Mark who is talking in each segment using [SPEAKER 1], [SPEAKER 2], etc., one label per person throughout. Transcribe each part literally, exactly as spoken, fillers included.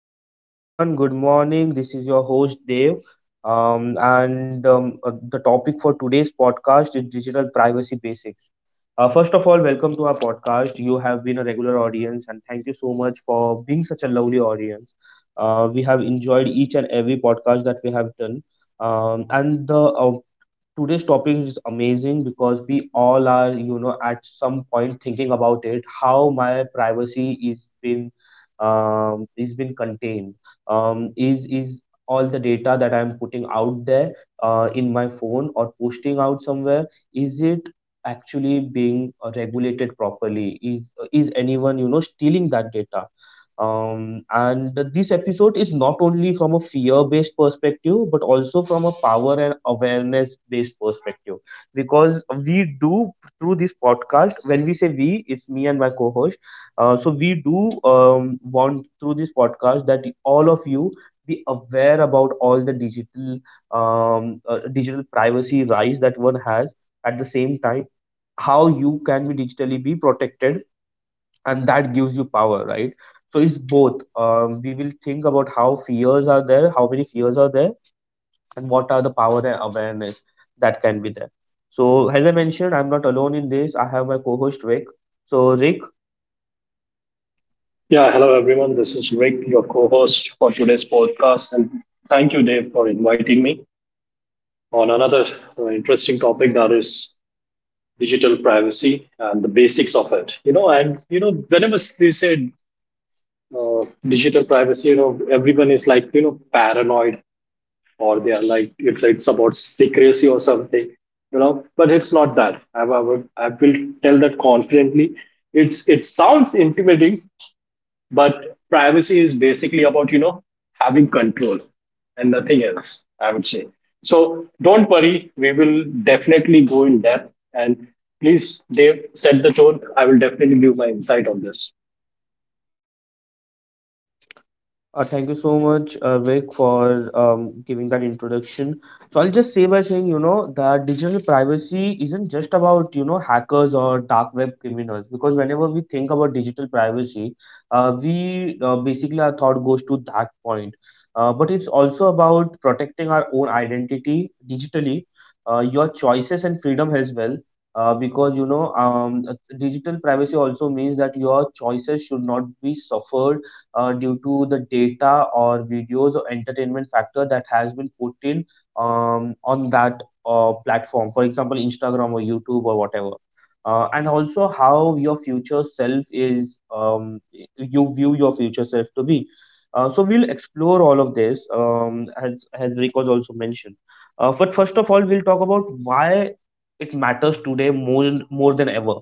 [SPEAKER 1] Hello, hello everyone. Good morning. This is your host Dev. Um, and um, uh, the topic for today's podcast is digital privacy basics. Uh, first of all, welcome to our podcast. You have been a regular audience, and thank you so much for being such a lovely audience. Uh, we have enjoyed each and every podcast that we have done. Um, and the uh, today's topic is amazing because we all are you know at some point thinking about it. How my privacy is been, um, is been contained, um, is is all the data that I'm putting out there uh, in my phone or posting out somewhere, is it actually being uh, regulated properly? Is is anyone you know stealing that data? Um, and this episode is not only from a fear based perspective, but also from a power and awareness based perspective, because we do, through this podcast, when we say we, it's me and my co-host. Uh, so we do um, want, through this podcast, that all of you be aware about all the digital um, uh, digital privacy rights that one has. At the same time, how you can be digitally be protected, and that gives you power, right? So it's both. Um, we will think about how fears are there, how many fears are there, and what are the power and awareness that can be there. So as I mentioned, I'm not alone in this. I have my co-host Rick. So Rick.
[SPEAKER 2] Yeah, hello everyone. This is Rick, your co host for today's podcast. And thank you, Dave, for inviting me on another uh, interesting topic, that is digital privacy and the basics of it. You know, and, you know, whenever they say uh, digital privacy, you know, everyone is like, you know, paranoid, or they are like, it's, it's about secrecy or something, you know, but it's not that. I, I, will- I will tell that confidently. It's It sounds intimidating, but privacy is basically about, you know, having control and nothing else, I would say. So don't worry, we will definitely go in depth. And please, Dave, set the tone. I will definitely give my insight on this.
[SPEAKER 1] Uh, thank you so much, uh, Vic, for um, giving that introduction. So I'll just say by saying, you know, that digital privacy isn't just about, you know, hackers or dark web criminals. Because whenever we think about digital privacy, uh, we uh, basically our thought goes to that point. Uh, but it's also about protecting our own identity digitally, uh, your choices and freedom as well. Uh, because you know, um, digital privacy also means that your choices should not be suffered uh, due to the data or videos or entertainment factor that has been put in um, on that uh, platform, for example, Instagram or YouTube or whatever. Uh, and also how your future self is, um, y- you view your future self to be. Uh, so we'll explore all of this, um, as as Rick was also mentioned. Uh, but first of all, we'll talk about why it matters today more more than ever,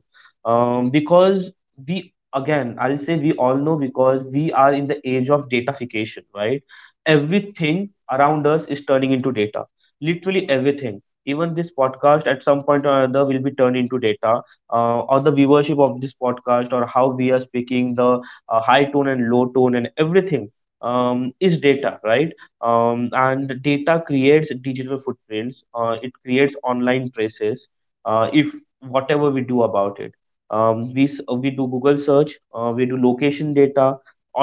[SPEAKER 1] um, because we, again, I'll say, we all know, because we are in the age of datafication, right? Everything around us is turning into data, literally everything. Even this podcast at some point or another will be turned into data, uh, or the viewership of this podcast, or how we are speaking, the uh, high tone and low tone and everything um, is data, right? Um, and data creates digital footprints. Uh, it creates online traces uh, if whatever we do about it. Um, we s- we do Google search, uh, we do location data,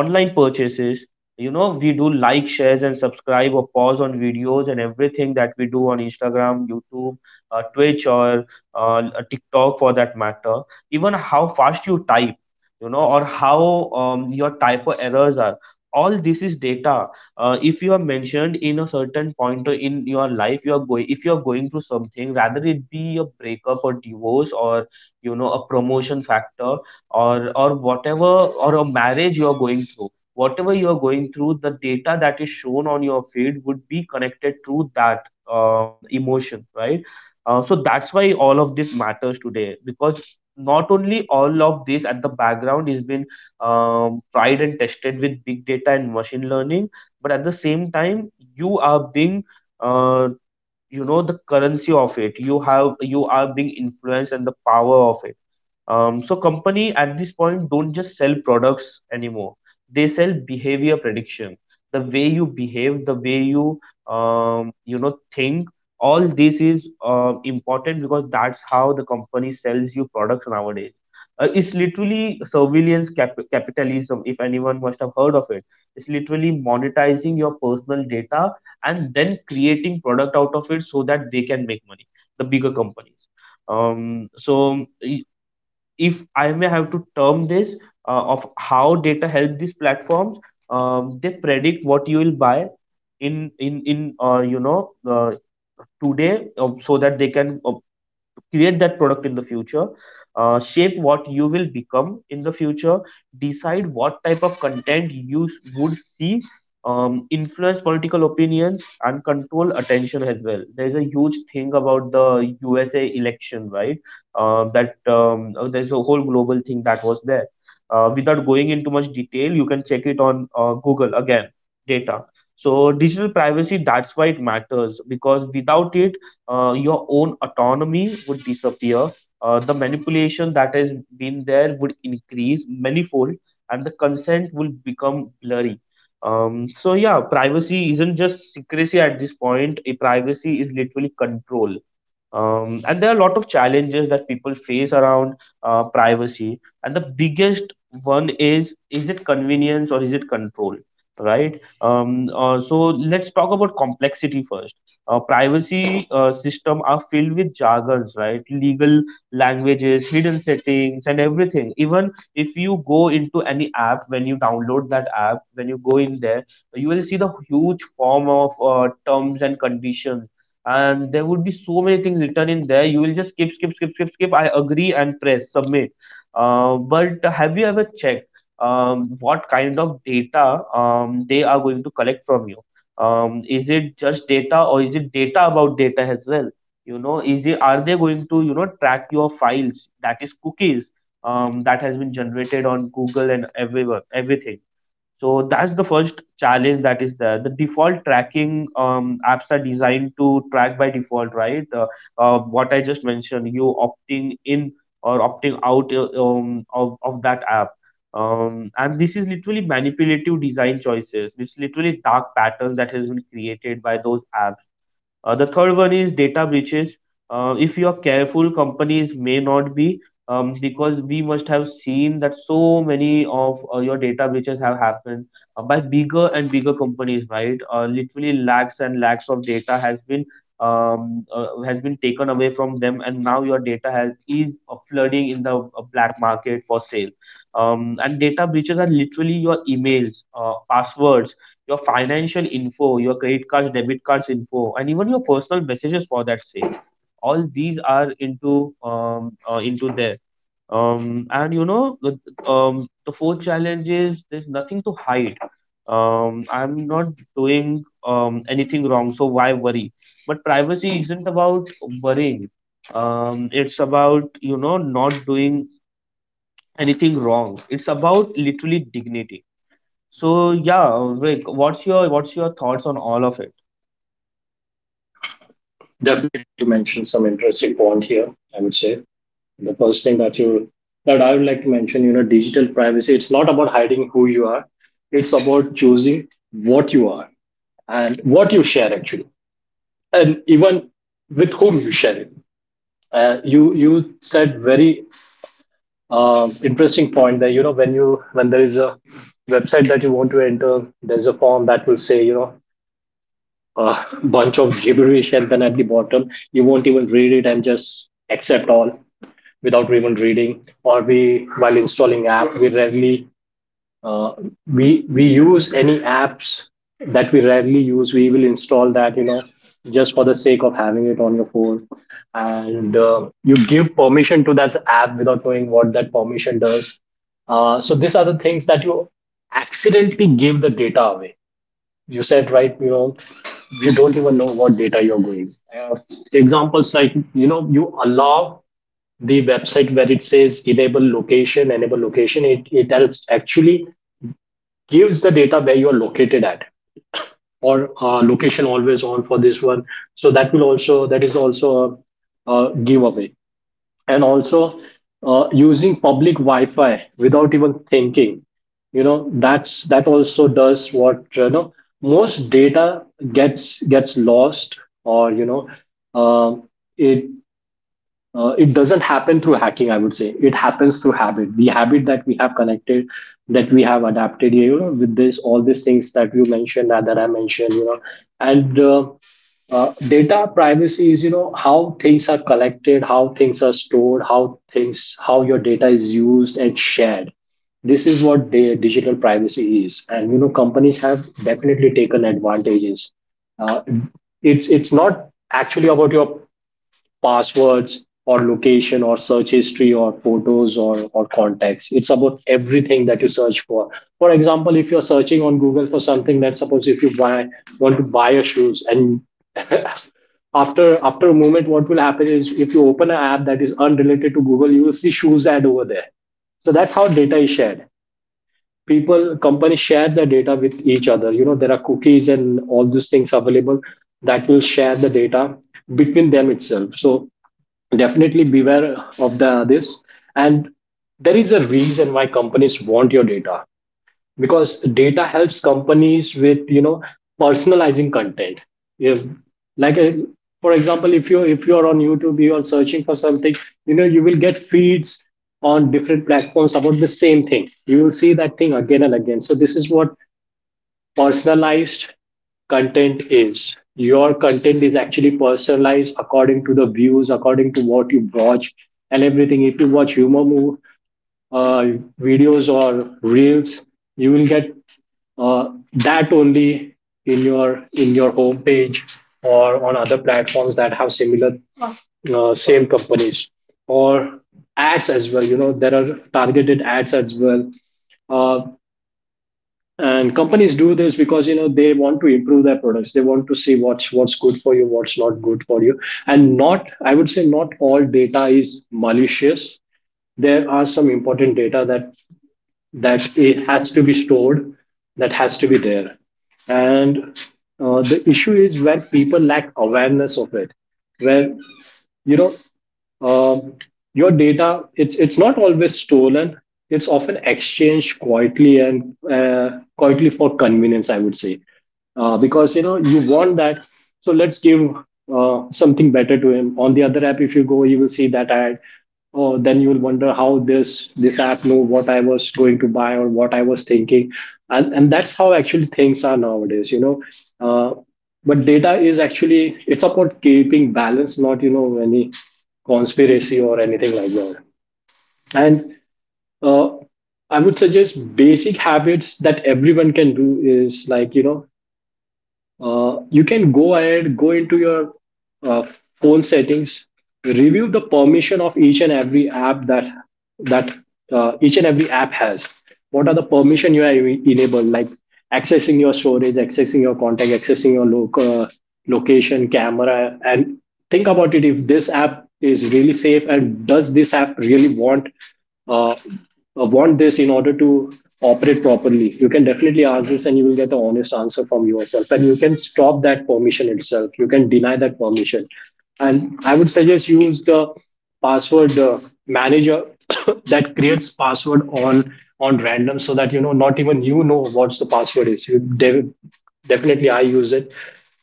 [SPEAKER 1] online purchases. You know, we do like, shares, and subscribe or pause on videos and everything that we do on Instagram, YouTube, uh, Twitch, or uh, TikTok for that matter. Even how fast you type, you know, or how um, your typo errors are. All this is data. Uh, if you are mentioned in a certain point or in your life, you are going. If you are going through something, rather it be a breakup or divorce or you know a promotion factor, or or whatever, or a marriage, you are going through, whatever you are going through, the data that is shown on your feed would be connected to that um, emotion, right? Uh, so that's why all of this matters today, because not only all of this at the background is been um, tried and tested with big data and machine learning, but at the same time you are being, uh, you know, the currency of it, you have, you are being influenced, and the power of it. Um, so company at this point don't just sell products anymore, they sell behavior prediction. The way you behave, the way you um, you know think, all this is uh, important, because that's how the company sells you products nowadays. Uh, it's literally surveillance cap- capitalism, if anyone must have heard of it. It's literally monetizing your personal data and then creating product out of it so that they can make money, the bigger companies. um, so i- if I may have to term this, uh, of how data help these platforms, um, they predict what you will buy in in in uh, you know uh, today, uh, so that they can uh, create that product in the future, uh, shape what you will become in the future, decide what type of content you s- would see, um, influence political opinions and control attention as well. There's a huge thing about the usa election, right? Uh, that um, uh, there's a whole global thing that was there. Uh, without going into much detail, you can check it on uh, Google again. Data. So digital privacy, that's why it matters, because without it uh, your own autonomy would disappear. Uh, the manipulation that has been there would increase manifold, and the consent will become blurry. Um, so yeah, privacy isn't just secrecy at this point. A privacy is literally control. Um, and there are a lot of challenges that people face around uh, privacy. And the biggest one is is it convenience or is it control, right? Um, uh, so let's talk about complexity first. Uh, privacy uh, system are filled with jargons, right? Legal languages, hidden settings, and everything. Even if you go into any app, when you download that app, when you go in there, you will see the huge form of uh, terms and conditions, and there would be so many things written in there. You will just skip skip skip skip skip I agree, and press submit. Uh, but have you ever checked um, what kind of data um, they are going to collect from you? Um, is it just data or is it data about data as well? You know, is it are they going to, you know, track your files, that is cookies um, that has been generated on Google and everyone everything. So that's the first challenge that is there. The default tracking, um, apps are designed to track by default, right? Uh, uh, what I just mentioned, you opting in or opting out, uh, um, of, of that app. Um, and this is literally manipulative design choices. It's literally dark patterns that has been created by those apps. Uh, the third one is data breaches. Uh, if you are careful, companies may not be, um, because we must have seen that so many of uh, your data breaches have happened uh, by bigger and bigger companies, right? Uh, literally lakhs and lakhs of data has been, um, uh, has been taken away from them, and now your data has is uh, flooding in the uh, black market for sale. Um, and data breaches are literally your emails, uh, passwords, your financial info, your credit cards, debit cards info, and even your personal messages for that sake. All these are into um, uh, into there. Um, and you know, the, um, the fourth challenge is there's nothing to hide. Um, I'm not doing um, anything wrong, so why worry? But privacy isn't about worrying. Um, it's about you know not doing anything wrong. It's about literally dignity. So yeah, Rick, what's your what's your thoughts on all of it?
[SPEAKER 2] Definitely mention some interesting point here, I would say. The first thing that you that I would like to mention, you know, digital privacy, it's not about hiding who you are. It's about choosing what you are and what you share actually. And even with whom you share it. Uh, you you said very uh, interesting point that, you know, when you when there is a website that you want to enter, there's a form that will say, you know, a bunch of gibberish, and then at the bottom you won't even read it and just accept all without even reading. Or we, while installing app, we rarely uh, we we use any apps that we rarely use, we will install that, you know, just for the sake of having it on your phone. And uh, you give permission to that app without knowing what that permission does. Uh, so these are the things that you accidentally give the data away. You said, right? You know, you don't even know what data you're going. uh, Examples like, you know, you allow the website where it says enable location, enable location it, it tells, actually gives the data where you are located at, or uh, location always on for this one. So that will also, that is also a, a giveaway. And also uh, using public Wi-Fi without even thinking, you know, that's, that also does what? You know, most data gets gets lost, or, you know, um it uh, it doesn't happen through hacking, I would say. It happens through habit, the habit that we have connected, that we have adapted, you know, with this, all these things that you mentioned, that, that I mentioned, you know. And uh, uh, Data privacy is, you know, how things are collected, how things are stored, how things, how your data is used and shared. This is what di- digital privacy is. And you know, companies have definitely taken advantages. uh, it's it's not actually about your passwords or location or search history or photos or, or contacts. It's about everything that you search for. For example, if you're searching on Google for something, let suppose if you buy want to buy your shoes. And after after a moment, what will happen is, if you open an app that is unrelated to Google, you will see shoes ad over there. So that's how data is shared. People, companies share the data with each other. You know, there are cookies and all those things available that will share the data between them itself. So definitely beware of the this. And there is a reason why companies want your data, because data helps companies with, you know, personalizing content. If, like, uh, for example, if you if you are on YouTube, you are searching for something, you know, you will get feeds on different platforms about the same thing. You will see that thing again and again. So this is what personalized content is. Your content is actually personalized according to the views, according to what you watch, and everything. If you watch humor move, uh, videos or reels, you will get uh, that only in your in your homepage, or on other platforms that have similar uh, same companies or ads as well. You know, there are targeted ads as well. Uh, and companies do this because, you know, they want to improve their products. They want to see what's, what's good for you, what's not good for you. And not, I would say, not all data is malicious. There are some important data that that it has to be stored, that has to be there. And uh, the issue is where people lack awareness of it, where, you know, um, your data, it's it's not always stolen. It's often exchanged quietly, and uh, quietly for convenience, I would say, uh, because, you know, you want that. So let's give uh, something better to him. On the other app, if you go, you will see that ad. Oh, then you will wonder how this this app know what I was going to buy or what I was thinking. And and that's how actually things are nowadays. You know, uh, but data is actually, it's about keeping balance, not, you know, any conspiracy or anything like that. And uh, I would suggest basic habits that everyone can do is, like, you know, uh, you can go ahead, go into your uh, phone settings, review the permission of each and every app that that uh, each and every app has. What are the permission you are e- enabled, like accessing your storage, accessing your contact, accessing your local location, camera, and think about it, if this app is really safe and does this app really want uh, uh, want this in order to operate properly. You can definitely ask this, and you will get the honest answer from yourself, and you can stop that permission itself, you can deny that permission. And I would suggest use the password uh, manager that creates password on on random, so that, you know, not even you know what's the password is. You de- definitely I use it.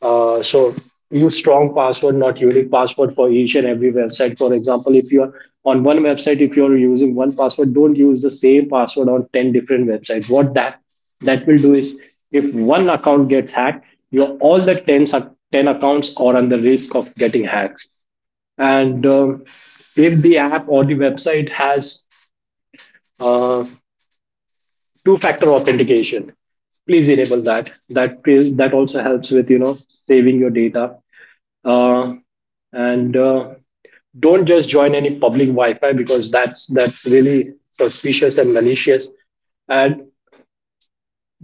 [SPEAKER 2] uh, So use strong password, not unique password for each and every website. For example, if you're on one website, if you're using one password, don't use the same password on ten different websites. What that that will do is, if one account gets hacked, your all the ten ten accounts are under risk of getting hacked. And um, if the app or the website has uh, two-factor authentication, please enable that. That that also helps with, you know, saving your data. Uh, and uh, Don't just join any public Wi-Fi, because that's that's really suspicious and malicious. And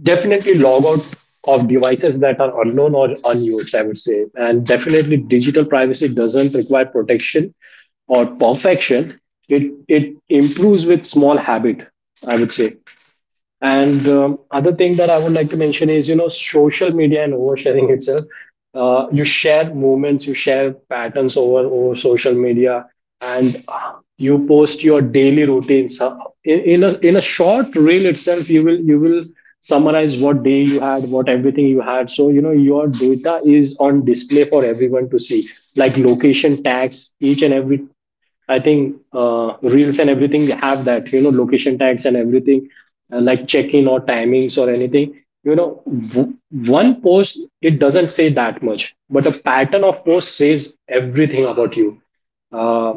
[SPEAKER 2] definitely log out of devices that are unknown or unused, I would say. And definitely digital privacy doesn't require protection or perfection. It it improves with small habit, I would say. And um, other thing that I would like to mention is, you know, social media and oversharing itself. Uh, you share moments, you share patterns over over social media. And uh, you post your daily routines. Uh, In, in a in a short reel itself, you will you will summarize what day you had, what everything you had. So, you know, your data is on display for everyone to see, like location tags, each and every, I think, uh, reels and everything have that, you know, location tags and everything, uh, like check-in or timings or anything. You know, w- one post, it doesn't say that much, but a pattern of posts says everything about you. Uh,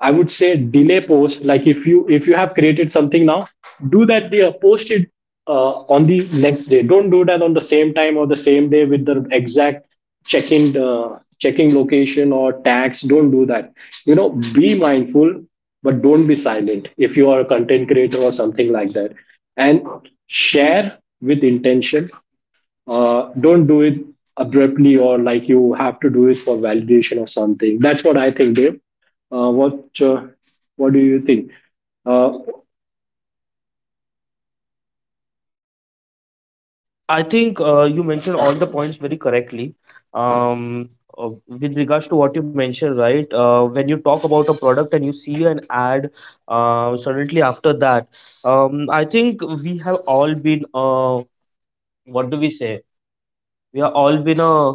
[SPEAKER 2] I would say delay post. Like, if you if you have created something now, do that day, post it uh, on the next day. Don't do that on the same time or the same day with the exact check-in uh, checking location or tags. Don't do that. You know, be mindful, but don't be silent. If you are a content creator or something like that, and share with intention. Uh, don't do it abruptly, or like you have to do it for validation or something. That's what I think, Dave. Uh, what uh, What do you think? Uh,
[SPEAKER 1] I think uh, you mentioned all the points very correctly. Um, uh, with regards to what you mentioned, right? Uh, when you talk about a product and you see an ad uh, suddenly after that, um, I think we have all been, uh, what do we say? We have all been a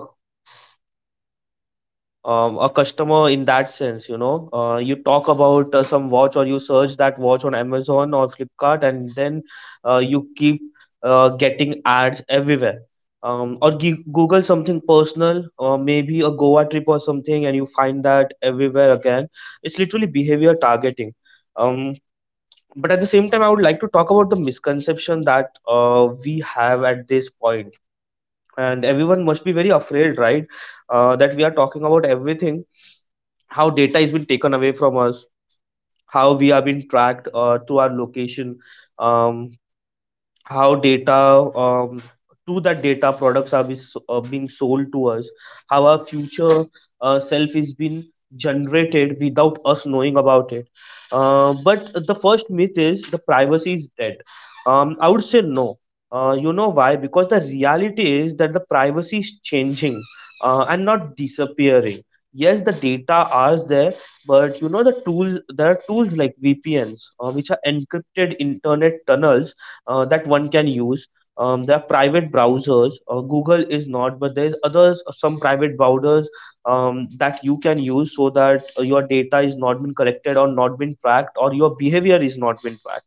[SPEAKER 1] um, a customer in that sense. You know uh, you talk about uh, some watch, or you search that watch on Amazon or Flipkart, and then uh, you keep uh, getting ads everywhere, um, or g- Google something personal or maybe a Goa trip or something, and you find that everywhere again. It's literally behavior targeting. um, but at the same time, I would like to talk about the misconception that uh, we have at this point. And everyone must be very afraid, right? Uh, that we are talking about everything: how data is been taken away from us, how we are been tracked uh, through our location, um, how data um, to that data products are be- so, uh, being sold to us, how our future uh, self is being generated without us knowing about it. Uh, but the first myth is the privacy is dead. um, I would say no. Uh, you know why? Because the reality is that the privacy is changing uh, and not disappearing. Yes, the data are there, but you know, the tools, there are tools like V P Ns, uh, which are encrypted internet tunnels uh, that one can use. Um, there are private browsers. Uh, Google is not, but there's others, uh, some private browsers um, that you can use, so that uh, your data is not been collected or not been tracked, or your behavior is not been tracked.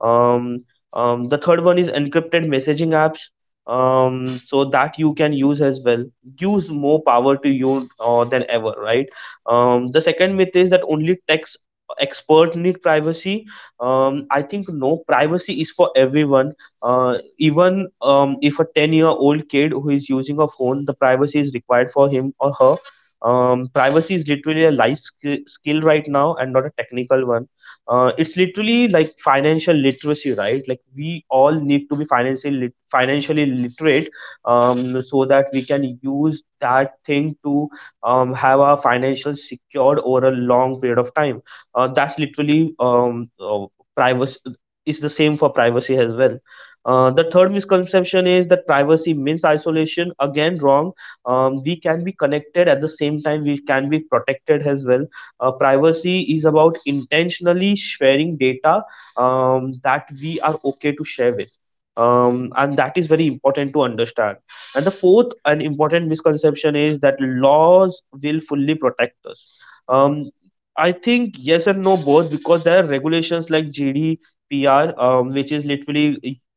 [SPEAKER 1] um, um, the third one is encrypted messaging apps, um, so that you can use as well. Gives more power to you uh, than ever, right? Um, the second myth is that only text expert need privacy. Um, I think no, privacy is for everyone. Uh, even um, if a ten-year-old kid who is using a phone, the privacy is required for him or her. Um, privacy is literally a life skill, skill right now, and not a technical one. Uh, it's literally like financial literacy, right? Like, we all need to be financially lit- financially literate, um, so that we can use that thing to um, have our financial secured over a long period of time. Uh, that's literally um, uh, privacy is the same for privacy as well. Uh, the third misconception is that privacy means isolation. Again, wrong. Um, we can be connected, at the same time we can be protected as well. Uh, privacy is about intentionally sharing data um, that we are okay to share with. Um, and that is very important to understand. And the fourth and important misconception is that laws will fully protect us. Um, I think yes and no both, because there are regulations like G D P R, um, which is literally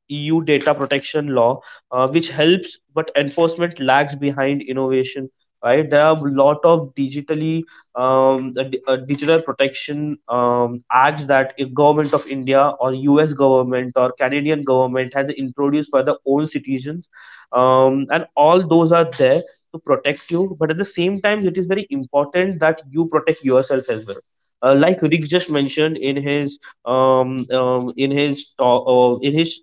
[SPEAKER 1] E U data protection law, uh, which helps, but enforcement lags behind innovation. Right, there are a lot of digitally um, a, di- a digital protection um, act that a government of India or U S government or Canadian government has introduced for their own citizens, um, and all those are there to protect you. But at the same time, it is very important that you protect yourself as well. Uh, like Rick just mentioned in his um, um, in his talk, uh, in his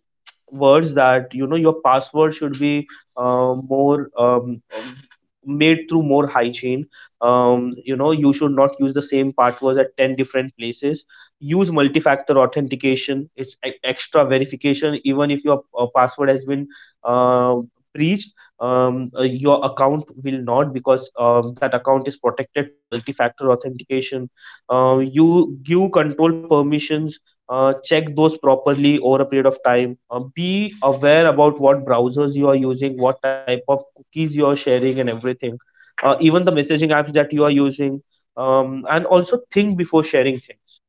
[SPEAKER 1] words, that you know, your password should be uh, more um, um, made through more hygiene. Um, you know, you should not use the same passwords at ten different places. Use multi-factor authentication. It's e- extra verification, even if your uh, password has been uh, breached, um, uh, your account will not, because um, that account is protected to multi-factor authentication. Uh, you give control permissions. Uh, check those properly over a period of time. Uh, be aware about what browsers you are using, what type of cookies you are sharing, and everything. Uh, even the messaging apps that you are using, um, and also think before sharing things.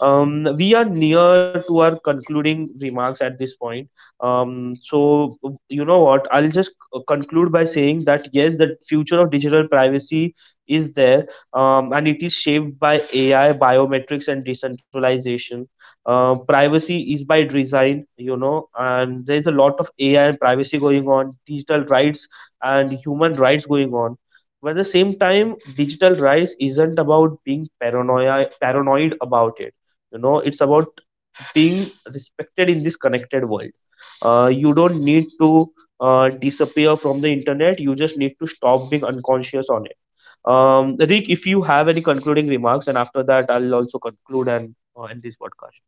[SPEAKER 1] um, We are near to our concluding remarks at this point. Um, so, w- you know what? I'll just c- uh, conclude by saying that yes, the future of digital privacy is there, um, and it is shaped by A I, biometrics, and decentralization. Uh, privacy is by design, you know, and there's a lot of A I and privacy going on, digital rights and human rights going on. But at the same time, digital rights isn't about being paranoia, paranoid about it. You know, it's about being respected in this connected world. Uh, you don't need to uh, disappear from the internet, you just need to stop being unconscious on it. Um, rick, if you have any concluding remarks, and after that I'll also conclude and uh, end this podcast.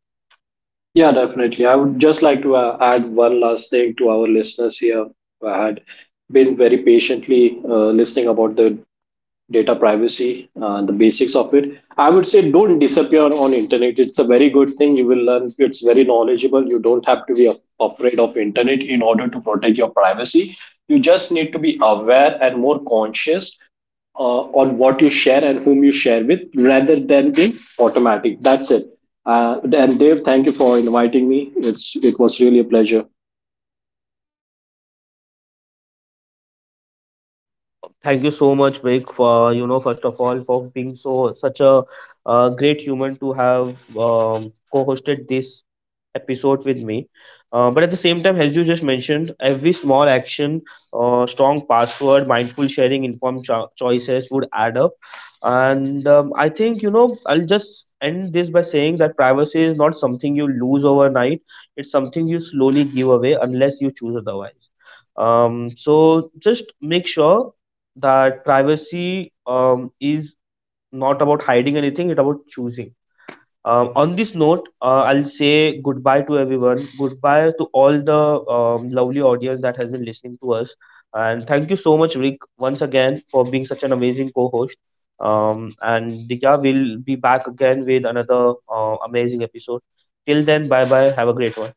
[SPEAKER 2] Yeah, definitely. I would just like to uh, add one last thing to our listeners here who had been very patiently uh, listening about the data privacy, uh, the basics of it. I would say don't disappear on internet. It's a very good thing. You will learn. It's very knowledgeable. You don't have to be af- afraid of internet in order to protect your privacy. You just need to be aware and more conscious uh, on what you share and whom you share with, rather than being automatic. That's it. Uh, and Dave, thank you for inviting me. It's it was really a pleasure.
[SPEAKER 1] Thank you so much, Vic, for you know, first of all for being so such a uh, great human to have um, co-hosted this episode with me. Uh, but at the same time, as you just mentioned, every small action, uh, strong password, mindful sharing, informed cho- choices would add up. And um, I think, you know, I'll just end this by saying that privacy is not something you lose overnight, it's something you slowly give away unless you choose otherwise. Um, so just make sure that privacy um, is not about hiding anything, it's about choosing. Um, on this note, uh, I'll say goodbye to everyone. Goodbye to all the um, lovely audience that has been listening to us. And thank you so much, Rick, once again, for being such an amazing co-host. Um, and yeah, we'll be back again with another uh, amazing episode. Till then, bye bye. Have a great one.